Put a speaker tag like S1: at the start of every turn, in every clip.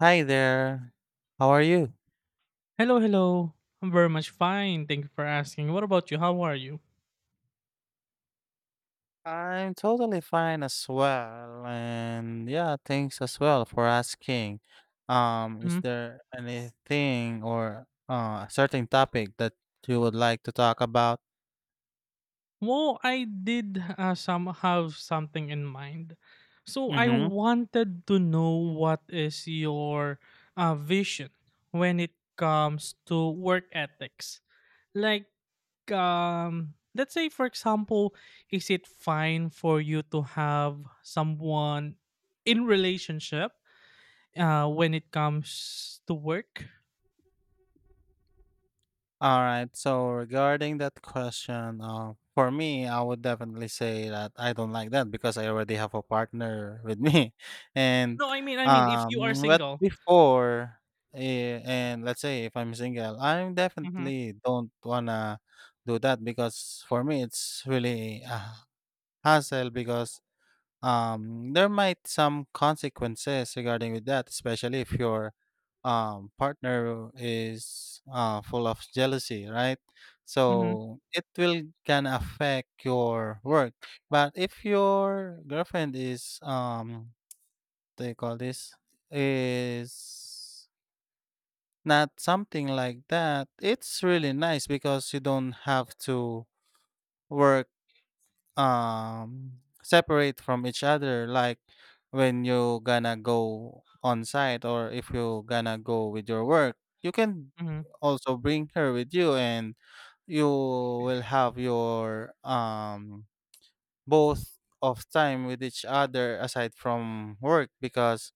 S1: Hi there. How are you?
S2: Hello, hello. I'm very much fine. Thank you for asking. What about you? How are you?
S1: I'm totally fine as well. And yeah, thanks as well for asking. Is
S2: Hmm
S1: there anything or a certain topic that you would like to talk about?
S2: Well, I did some have something in mind. So I
S1: Mm-hmm.
S2: wanted to know what is your vision when it comes to work ethics. Like, let's say, for example, is it fine for you to have someone in relationship when it comes to work?
S1: All right. So regarding that question, for me, I would definitely say that I don't like that because I already have a partner with me, and
S2: No, I mean if
S1: um,
S2: you are
S1: but
S2: single.
S1: before, let's say if I'm single, I
S2: Mm-hmm.
S1: definitely don't wanna do that because for me it's really a hassle because there might some consequences regarding with that, especially if your partner is full of jealousy, right?
S2: Mm-hmm.
S1: So it will can affect your work. But if your girlfriend is they call this is not something like that, it's really nice because you don't have to work um separate from each other, like when you gonna go on site or if you gonna go with your work, you can
S2: Mm-hmm.
S1: also bring her with you, and you will have your both of time with each other aside from work, because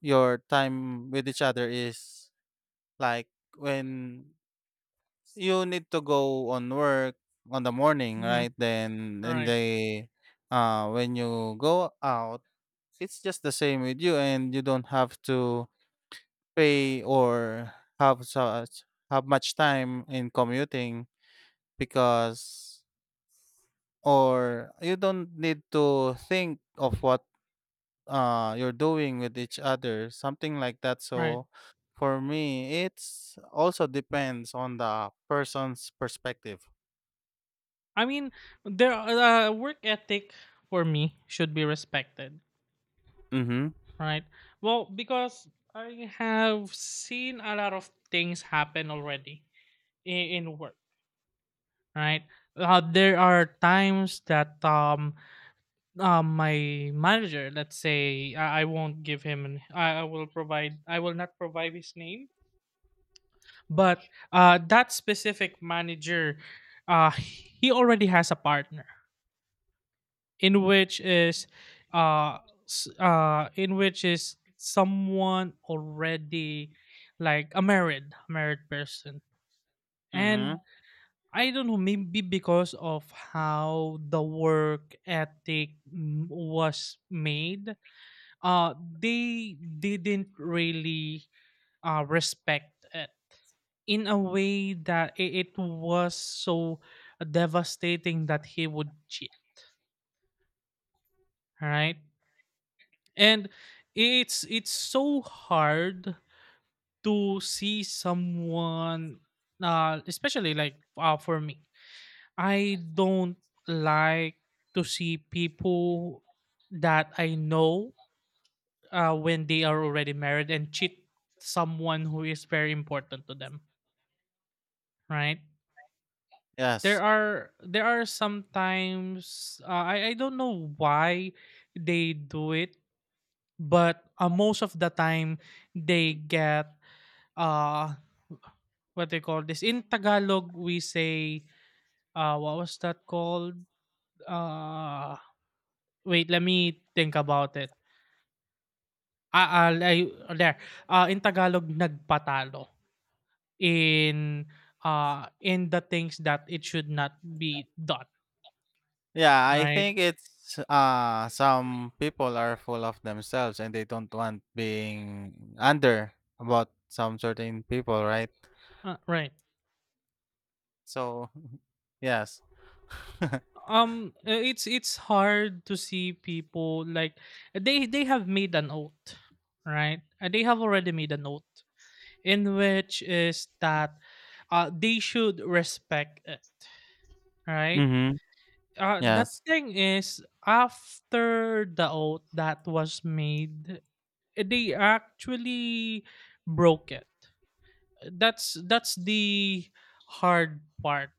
S1: your time with each other is like when you need to go on work on the morning,
S2: Mm-hmm.
S1: right? Then in
S2: Right.
S1: the when you go out, it's just the same with you, and you don't have to pay or have much time in commuting because or you don't need to think of what you're doing with each other, something like that.
S2: Right.
S1: So for me, it's also depends on the person's perspective.
S2: I mean, work ethic for me should be respected.
S1: Mm-hmm.
S2: Right. Well, because I have seen a lot of things happen already in work, right? There are times that my manager, let's say, I won't give him, an, I will not provide his name, but that specific manager, he already has a partner in which is, uh, in which is someone already like a married married person.
S1: Mm-hmm.
S2: And I don't know, maybe because of how the work ethic was made, uh they didn't really respect it, in a way that it was so devastating that he would cheat, right? And it's so hard to see someone, especially like, for me, I don't like to see people that I know, when they are already married, and cheat someone who is very important to them, right? there
S1: Yes.
S2: are there are sometimes, uh, I don't know why they do it, but most of the time they get, uh what they call this, in Tagalog we say, what was that called, uh wait, let me think about it. There, in Tagalog, nagpatalo in, in the things that it should not be done.
S1: Yeah, I
S2: Right.
S1: think it's some people are full of themselves and they don't want being under about some certain people, right?
S2: Uh, right.
S1: So, yes.
S2: It's hard to see people like, they have made an oath, right? They have already made an oath, in which is that they should respect it, right?
S1: Mhm.
S2: The
S1: Yes.
S2: thing is, after the oath that was made, they actually broke it. That's the hard part.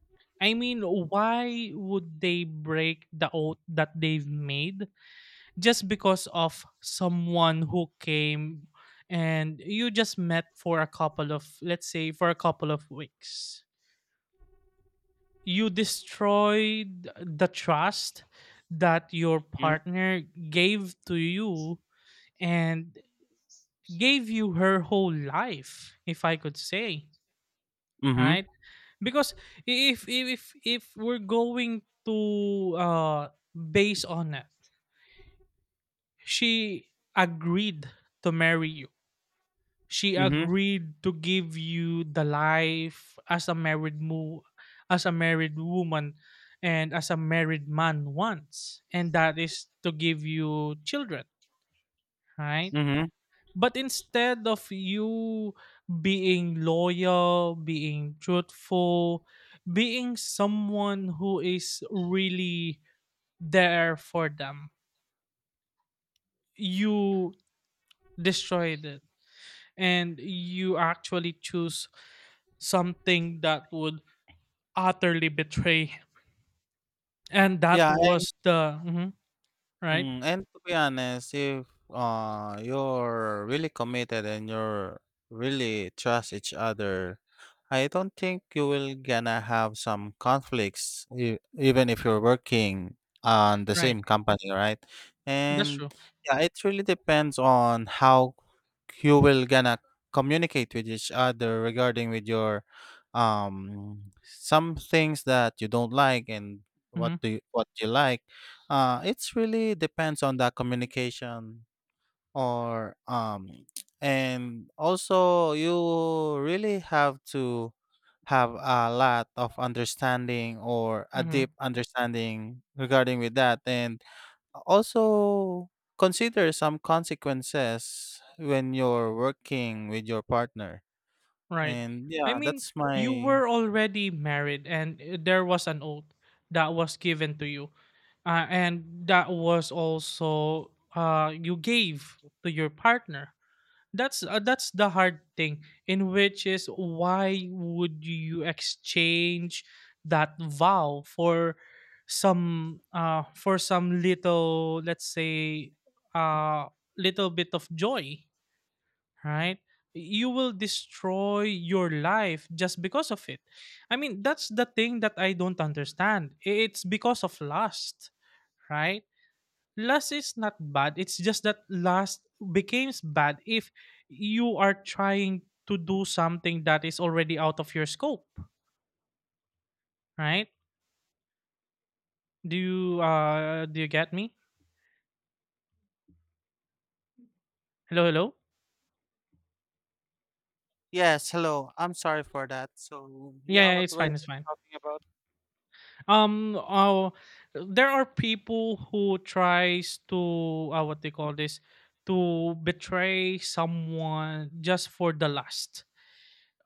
S2: I mean, why would they break the oath that they've made? Just because of someone who came, and you just met for a couple of let's say for a couple of weeks, you destroyed the trust that your
S1: Mm.
S2: partner gave to you, and gave you her whole life, if I could say.
S1: Mhm.
S2: Right. Because if we're going to base on it, she agreed to marry you, she
S1: Mhm.
S2: agreed to give you the life as a as a married woman, and as a married man wants, and that is to give you children, right?
S1: Mhm.
S2: But instead of you being loyal, being truthful, being someone who is really there for them, you destroyed it, and you actually choose something that would utterly betray. And that
S1: Yeah.
S2: was the mhm. Right.
S1: Mm, and to be honest, if you're really committed and you're really trust each other, I don't think you will gonna have some conflicts e- even if you're working on the
S2: Right.
S1: same company, right?
S2: That's
S1: And
S2: true.
S1: yeah, it really depends on how you will gonna communicate with each other regarding with your some things that you don't like and
S2: Hmm
S1: what you like. It's really depends on the communication or and also you really have to have a lot of understanding or a
S2: hmm
S1: deep understanding regarding with that, and also consider some consequences when you're working with your partner.
S2: right.
S1: And
S2: I
S1: yeah,
S2: mean,
S1: that's
S2: you
S1: my.
S2: were already married, and there was an oath that was given to you, and that was also, you gave to your partner. That's the hard thing, in which is, why would you exchange that vow for some, for some little, let's say, uh little bit of joy, right? You will destroy your life just because of it. I mean, that's the thing that I don't understand. It's because of lust, right? Lust is not bad. It's just that lust becomes bad if you are trying to do something that is already out of your scope, right? Do you get me? Hello, hello.
S1: Yes, hello, I'm sorry for that. So yeah,
S2: Yeah, yeah,
S1: what
S2: it's
S1: were you
S2: fine, it's fine.
S1: talking about?
S2: Um, oh, there are people who tries to, what they call this, to betray someone just for the lust.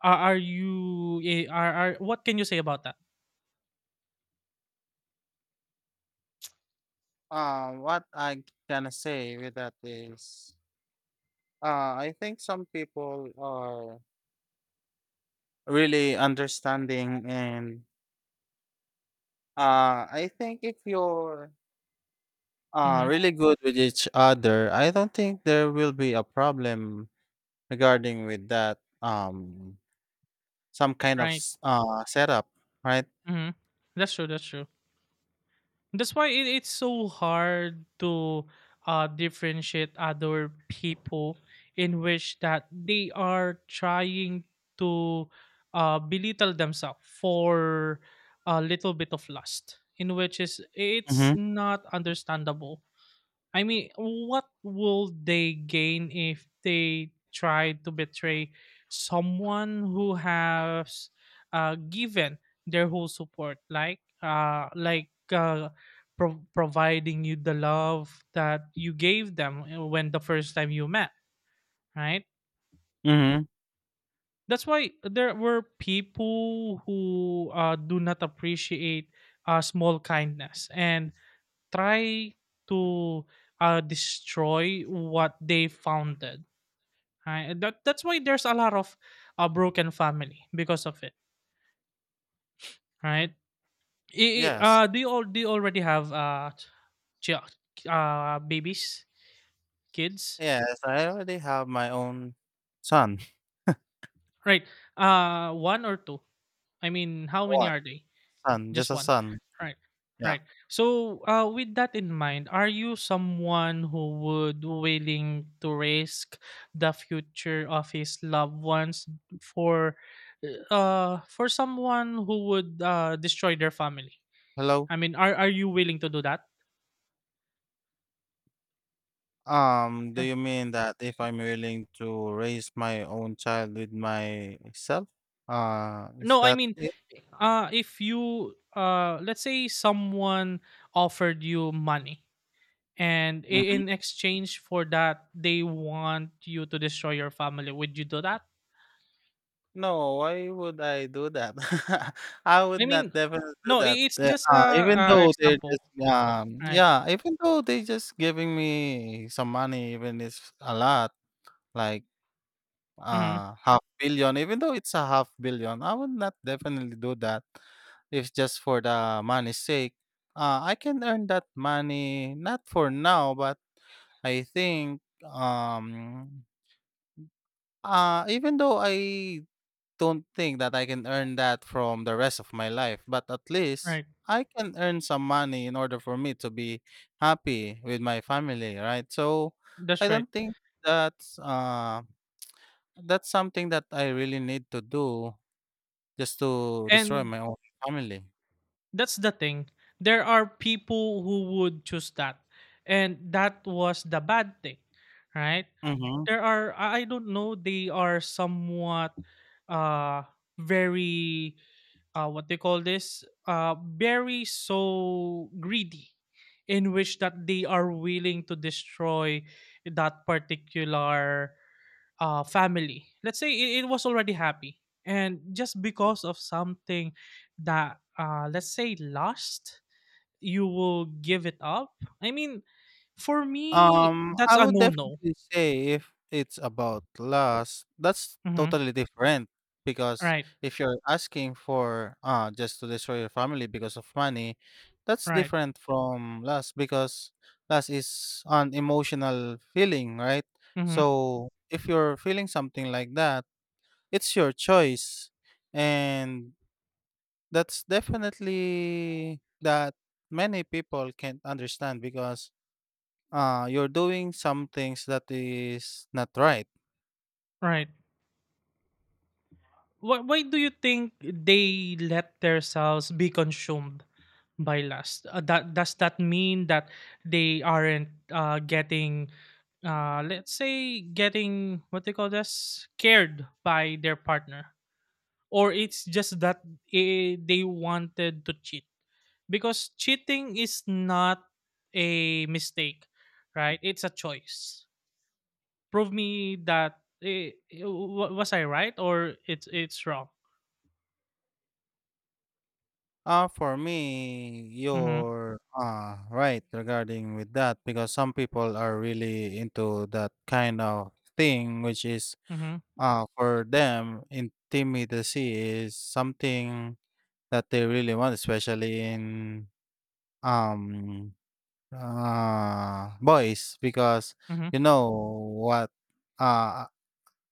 S2: Are what can you say about that?
S1: What I can say with that is, I think some people are really understanding, and I think if you're
S2: Mm-hmm.
S1: really good with each other, I don't think there will be a problem regarding with that, some kind of
S2: Right.
S1: setup, right?
S2: Mm-hmm. That's true. That's true. That's why it's so hard to differentiate other people, in which that they are trying to belittle themselves for a little bit of lust, in which is, it's
S1: Mm-hmm.
S2: not understandable. I mean, what will they gain if they try to betray someone who has given their whole support, like providing you the love that you gave them, when the first time you met, right?
S1: Mm-hmm.
S2: That's why there were people who do not appreciate small kindness, and try to destroy what they founded. Right? That's why there's a lot of broken family because of it. Right? I,
S1: Yes.
S2: I- do you all do you already have, ch- uh, babies, kids?
S1: Yes, I already have my own son.
S2: Right? One or two? I mean, how many
S1: One
S2: are they?
S1: son, just
S2: Just
S1: a
S2: one.
S1: son.
S2: Right.
S1: Yeah.
S2: Right. So, with that in mind, are you someone who would willing to risk the future of his loved ones for, for someone who would destroy their family?
S1: Hello.
S2: I mean, are you willing to do that?
S1: Do
S2: Yeah.
S1: you mean that if I'm willing to raise my own child with myself? Is
S2: No, I
S1: that
S2: mean,
S1: it?
S2: if you, let's say, someone offered you money, and
S1: Mhm.
S2: in exchange for that, they want you to destroy your family. Would you do that?
S1: No, why would I do that? I would
S2: I
S1: not
S2: mean,
S1: definitely do
S2: no, I
S1: that.
S2: it's just
S1: Even
S2: a
S1: though they're just
S2: example, right?
S1: yeah, even though they just giving me some money, even if a lot, like
S2: Mhm.
S1: half billion, even though it's a half billion, I would not definitely do that if just for the money's sake. I can earn that money not for now, but I think even though I don't think that I can earn that from the rest of my life, but at least
S2: Right.
S1: I can earn some money in order for me to be happy with my family, right? So I
S2: That's right.
S1: don't think that's uh that's something that I really need to do just to destroy
S2: And
S1: my own family.
S2: that's the thing. There are people who would choose that, and that was the bad thing, right?
S1: Mhm.
S2: There are, I don't know. They are somewhat uh, very, what they call this, very so greedy, in which that they are willing to destroy that particular family, let's say it was already happy, and just because of something that, let's say lust, you will give it up. I mean, for me, that's
S1: I
S2: a
S1: would
S2: no-no.
S1: definitely say if it's about lust, that's
S2: Hmm.
S1: totally different, because
S2: Right.
S1: if you're asking for just to destroy your family because of money, that's
S2: Right.
S1: different from lust, because lust is an emotional feeling, right?
S2: Hmm.
S1: So if you're feeling something like that, it's your choice. And that's definitely that many people can't understand, because you're doing some things that is not right.
S2: Right. Why do you think they let themselves be consumed by last? That does that mean that they aren't getting, let's say, getting what they call this, cared by their partner, or it's just that, they wanted to cheat? Because cheating is not a mistake, right? It's a choice. Prove me that, was I right, or it's wrong.
S1: Uh, for me,
S2: Mm-hmm.
S1: you're right regarding with that, because some people are really into that kind of thing, which is
S2: Mm-hmm.
S1: for them intimidacy is something that they really want, especially in um boys, because
S2: Mm-hmm.
S1: you know what uh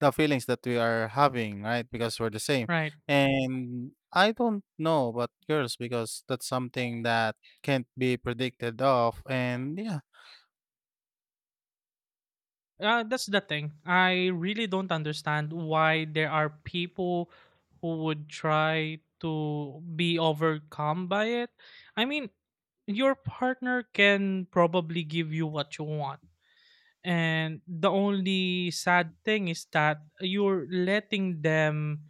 S1: the feelings that we are having, right? Because we're the same.
S2: Right.
S1: And I don't know about girls, because that's something that can't be predicted of, and yeah.
S2: That's the thing. I really don't understand why there are people who would try to be overcome by it. I mean, your partner can probably give you what you want. And the only sad thing is that you're letting them,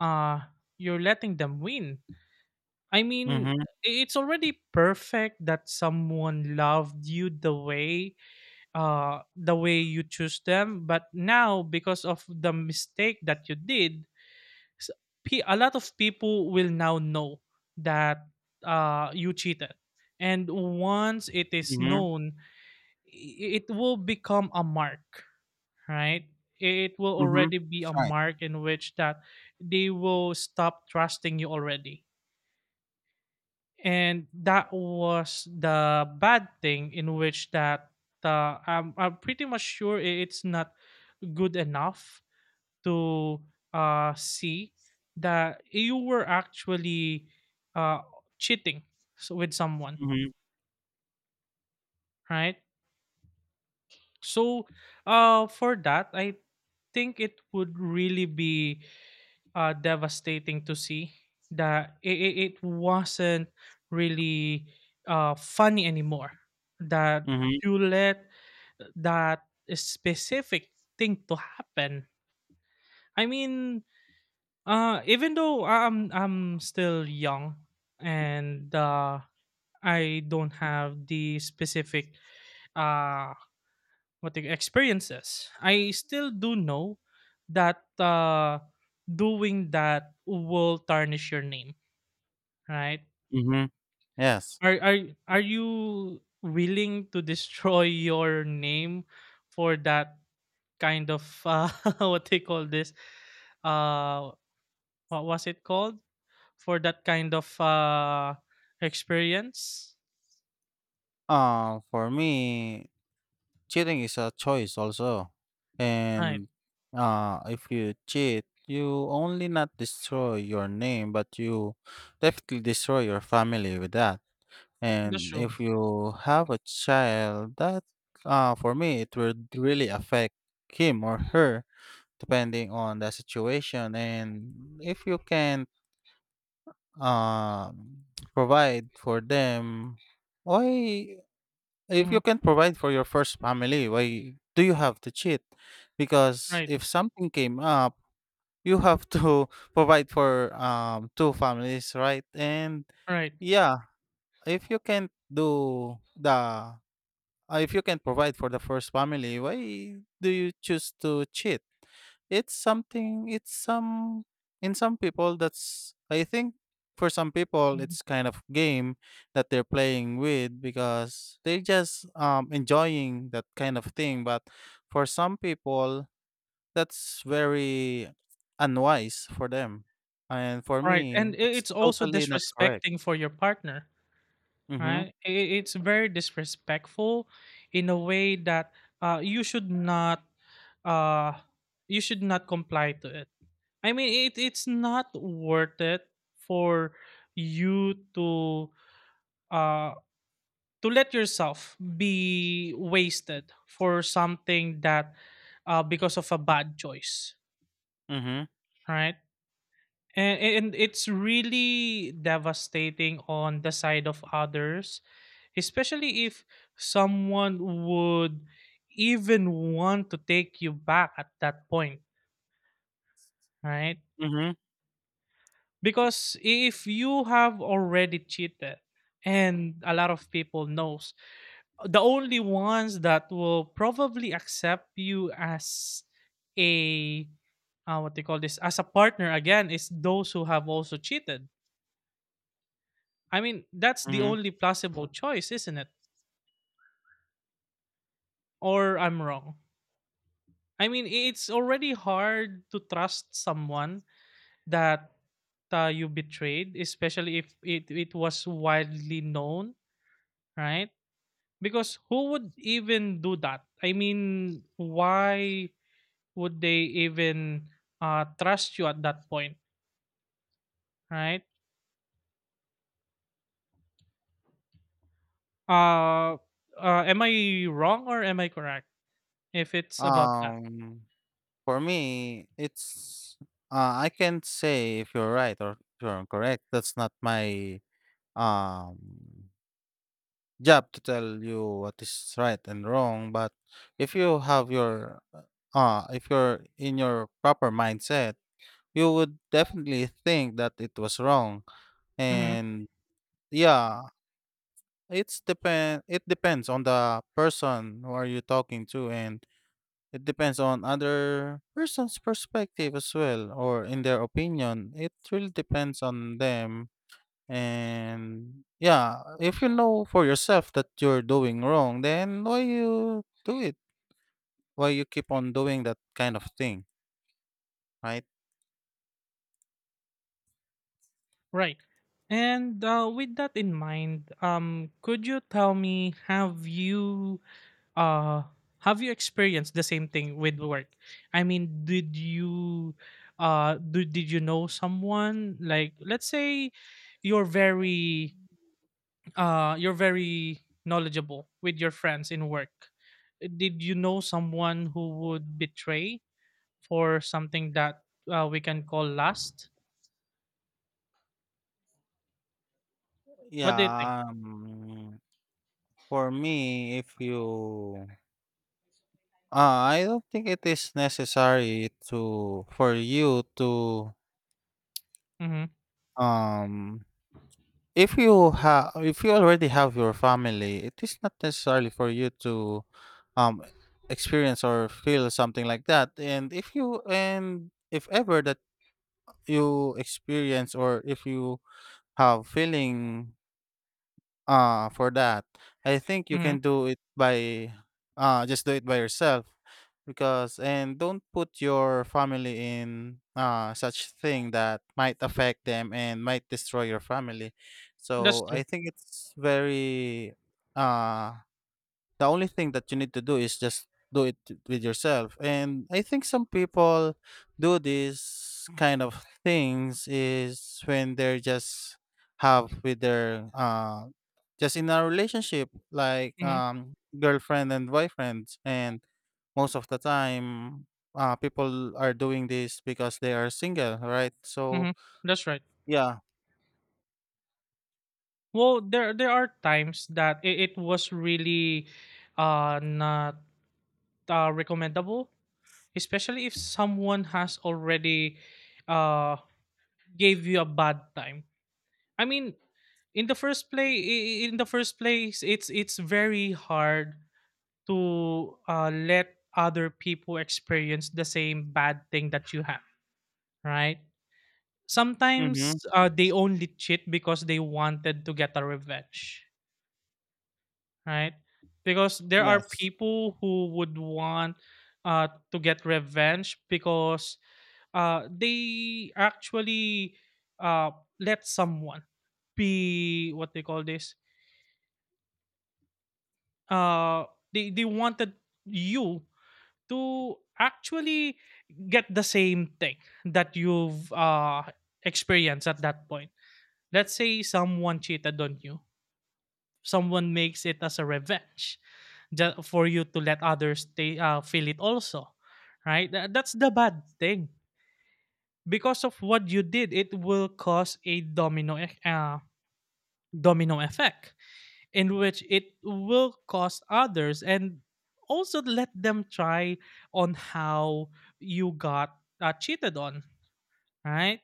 S2: uh you're letting them win. I mean,
S1: Mm-hmm.
S2: it's already perfect that someone loved you the way, the way you choose them, but now, because of the mistake that you did, s- a lot of people will now know that you cheated, and once it is
S1: Mm-hmm.
S2: known, it will become a mark, right? It will
S1: Mm-hmm.
S2: already be
S1: That's
S2: a
S1: right.
S2: mark, in which that they will stop trusting you already. And that was the bad thing, in which that, uh, I'm pretty much sure it's not good enough to see that you were actually uh, cheating so with someone,
S1: Mm-hmm.
S2: right? So, for that, I think it would really be devastating to see that it wasn't really funny anymore. That
S1: Mm-hmm.
S2: you let that specific thing to happen. I mean, uh, even though I'm still young, and I don't have the specific uh what the experiences, I still do know that doing that will tarnish your name, right?
S1: Mm-hmm. Yes.
S2: Are you willing to destroy your name for that kind of what they call this? Uh, what was it called? For that kind of experience.
S1: For me, cheating is a choice also.
S2: Right.
S1: And if you cheat, you only not destroy your name, but you definitely destroy your family with that.
S2: That's
S1: And
S2: true.
S1: if you have a child, that for me, it would really affect him or her depending on the situation. And if you can't um, provide for them, why? If you
S2: Hmm.
S1: can provide for your first family, why do you have to cheat? Because
S2: Right.
S1: if something came up, you have to provide for two families, right? And
S2: Right.
S1: yeah, if you can't do the if you can provide for the first family, why do you choose to cheat? It's something it's some In some people, that's I think for some people
S2: Mhm.
S1: it's kind of game that they're playing with, because they're just enjoying that kind of thing, but for some people that's very unwise for them, and for
S2: Right.
S1: me
S2: And
S1: that's
S2: it's also
S1: totally not correct.
S2: disrespecting for your partner.
S1: Mhm.
S2: Right. It's very disrespectful, in a way that you should not, uh, you should not comply to it. I mean, it's not worth it for you uh, to let yourself be wasted for something that, because of a bad choice,
S1: Mhm.
S2: right? And it's really devastating on the side of others, especially if someone would even want to take you back at that point, right?
S1: Mhm.
S2: Because if you have already cheated, and a lot of people knows, the only ones that will probably accept you as a, what they call this, as a partner again, is those who have also cheated. I mean, that's the
S1: Mhm.
S2: only plausible choice, isn't it? Or I'm wrong. I mean, it's already hard to trust someone that you betrayed, especially if it was widely known, right? Because who would even do that? I mean, why would they even trust you at that point, right? Uh, uh, am I wrong, or am I correct, if it's about that?
S1: Um, for me, it's I can't say if you're right or you're correct. That's not my um job to tell you what is right and wrong. But if you have your if you're in your proper mindset, you would definitely think that it was wrong.
S2: Hmm.
S1: And yeah, it depends on the person who are you talking to, and it depends on other person's perspective as well or in their opinion. It really depends on them. And yeah, if you know for yourself that you're doing wrong, then why you do it? Why you keep on doing that kind of thing, right?
S2: Right. And, with that in mind, could you tell me, uh have you experienced the same thing with work? I mean, did you did you know someone? Like, let's say you're very you're very knowledgeable with your friends in work. Did you know someone who would betray for something that we can call lust? What do you think?
S1: Yeah, for me, if you uh, I don't think it is necessary to for you to
S2: Mm-hmm.
S1: um if you have, if you already have your family, it is not necessarily for you to, um, experience or feel something like that. And if you, and if ever that you experience or if you have feeling for that, I think you
S2: Mm-hmm.
S1: can do it by just do it by yourself, because and don't put your family in such thing that might affect them and might destroy your family.
S2: That's
S1: So I
S2: true.
S1: think it's very uh the only thing that you need to do is just do it with yourself. And I think some people do this kind of things is when they're just have with their just in a relationship, like,
S2: Mm-hmm.
S1: girlfriend and boyfriends, and most of the time, people are doing this because they are single, right? So
S2: Mm-hmm. That's right.
S1: yeah.
S2: Well, there are times that it was really not recommendable, especially if someone has already uh, gave you a bad time. I mean, in the first place it's very hard to let other people experience the same bad thing that you have, right?
S1: Mhm.
S2: Sometimes they only cheat because they wanted to get a revenge, right? Because there are
S1: Yes.
S2: people who would want to get revenge because they actually let someone be, what they call this, uh they wanted you to actually get the same thing that you've experienced at that point. Let's say someone cheated on you, someone makes it as a revenge for you to let others stay, feel it also, right? That's the bad thing. Because of what you did, it will cause a domino effect, in which it will cost others and also let them try on how you got cheated on, right?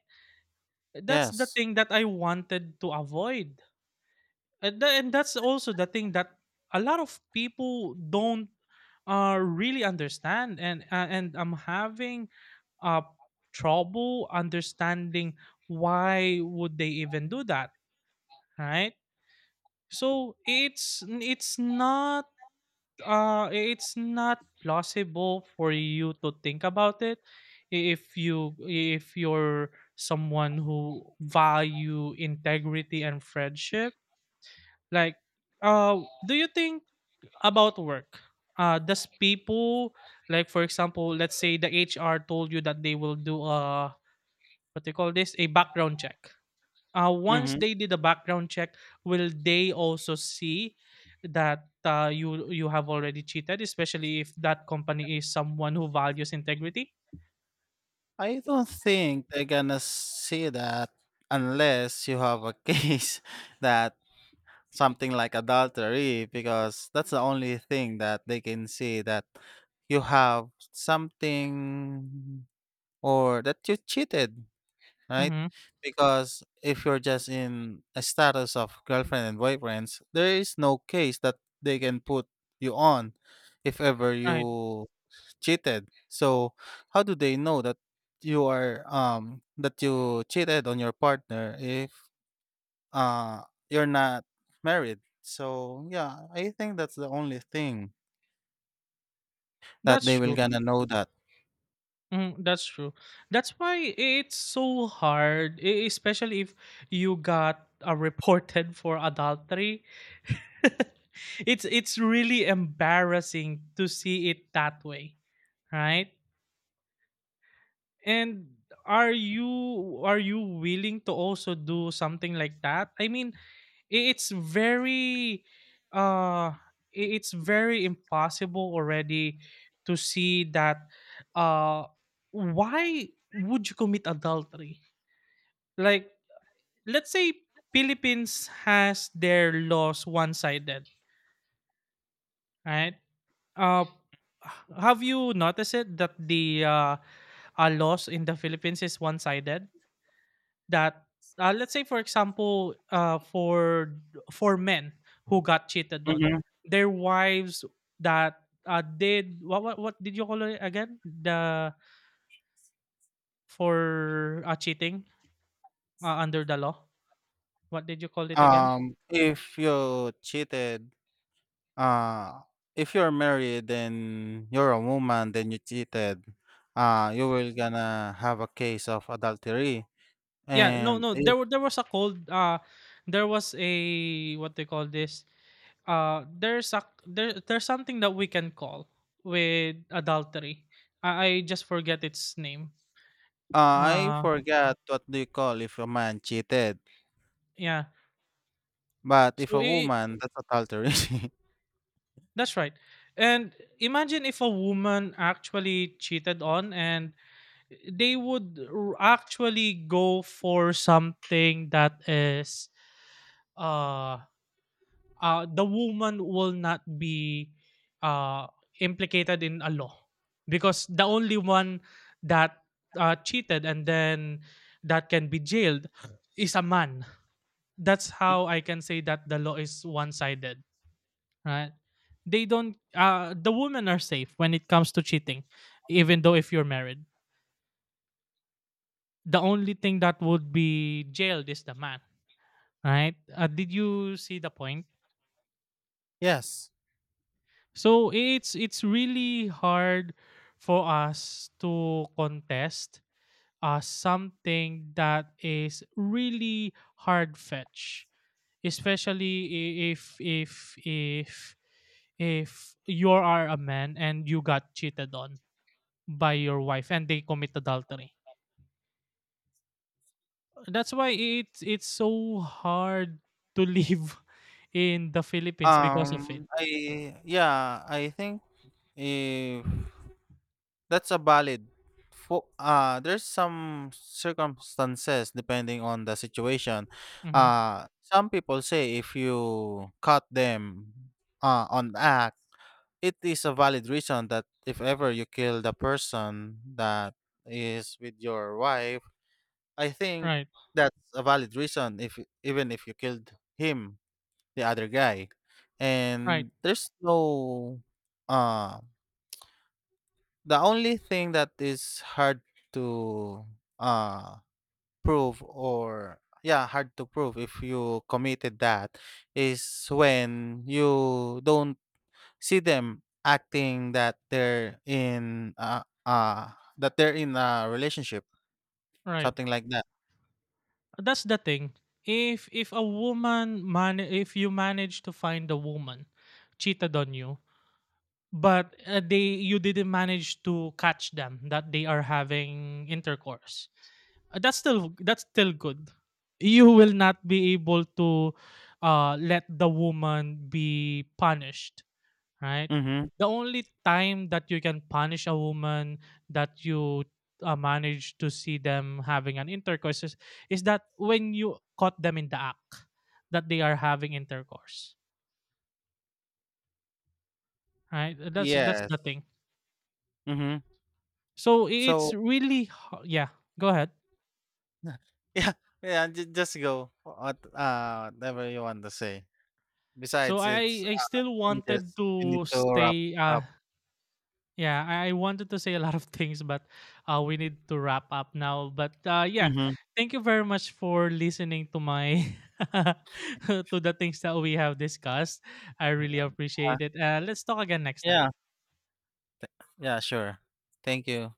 S2: That's the
S1: Yes.
S2: thing that I wanted to avoid. And that's also the thing that a lot of people don't really understand. And and I'm having uh, trouble understanding why would they even do that, right? So it's not uh it's not plausible for you to think about it if you if you're someone who value integrity and friendship. Like, do you think about work? Does people, like, for example, let's say the HR told you that they will do a, what they call this, a background check. Once
S1: Mhm.
S2: they did a background check, will they also see that you have already cheated, especially if that company is someone who values integrity?
S1: I don't think they're gonna see that unless you have a case that something like adultery, because that's the only thing that they can see that you have something or that you cheated. Right?
S2: Mm-hmm.
S1: Because if you're just in a status of girlfriend and boyfriends, there is no case that they can put you on if ever
S2: Right.
S1: you cheated. So how do they know that you are that you cheated on your partner if uh you're not married? So yeah, I think that's the only thing that
S2: That's
S1: they will
S2: true.
S1: gonna know that.
S2: Mm, that's true. That's why it's so hard, especially if you got reported for adultery. It's really embarrassing to see it that way, right? And are you willing to also do something like that? I mean, it's very uh it's very impossible already to see that uh why would you commit adultery. Like, let's say Philippines has their laws one-sided, right? uh have you noticed it that the laws in the Philippines is one-sided, that let's say for example for men who got cheated on
S1: Mhm.
S2: their wives, that did what did you call it again, the for cheating under the law? What did you call it again?
S1: If you cheated Uh, if you're married and you're a woman, then you cheated, you will gonna have a case of adultery.
S2: Yeah, no
S1: And
S2: no
S1: if
S2: there was a cold, there was a what they call this, there's a, there's something that we can call with adultery. I just forget its name.
S1: uh, I
S2: uh
S1: forgot what do you call if a man cheated,
S2: yeah.
S1: but if
S2: so
S1: a
S2: I
S1: woman, that's adultery.
S2: That's right. And imagine if a woman actually cheated on, and they would actually go for something that is uh the woman will not be uh implicated in a law, because the only one that cheated and then that can be jailed is a man. That's how I can say that the law is one-sided, right? They don't, the women are safe when it comes to cheating. Even though if you're married, the only thing that would be jailed is the man, right? Did you see the point?
S1: Yes.
S2: So it's really hard for us to contest something that is really hard fetch, especially if you are a man and you got cheated on by your wife and they commit adultery. That's why it's so hard to live in the Philippines because of it.
S1: I yeah, I think if that's a valid. There's some circumstances depending on the situation.
S2: Mhm.
S1: Some people say if you cut them on act, it is a valid reason that if ever you kill the person that is with your wife, I think
S2: Right.
S1: that's a valid reason if even if you killed him, the other guy.
S2: Right.
S1: And there's no uh the only thing that is hard to uh prove or yeah, hard to prove if you committed that is when you don't see them acting that they're in a relationship,
S2: Right.
S1: something like that.
S2: That's the thing. If you manage to find a woman cheated on you, but they, you didn't manage to catch them that they are having intercourse, that's still good. You will not be able to let the woman be punished, right?
S1: Mhm.
S2: The only time that you can punish a woman that you manage to see them having an intercourse is that when you caught them in the act that they are having intercourse, right? That's
S1: Yes.
S2: the thing.
S1: Mhm.
S2: So
S1: So,
S2: it's really yeah. Go ahead.
S1: yeah, yeah, just go whatever you want to say.
S2: So
S1: Besides it's
S2: I still
S1: we
S2: wanted
S1: just we need
S2: to
S1: to wrap
S2: stay.
S1: up.
S2: Yeah, I wanted to say a lot of things, but we need to wrap up now. But yeah, thank you very much for listening to my to the things that we have discussed. I really
S1: Um, Uh,
S2: appreciate it. Let's talk again next time.
S1: yeah, yeah, sure. Thank you.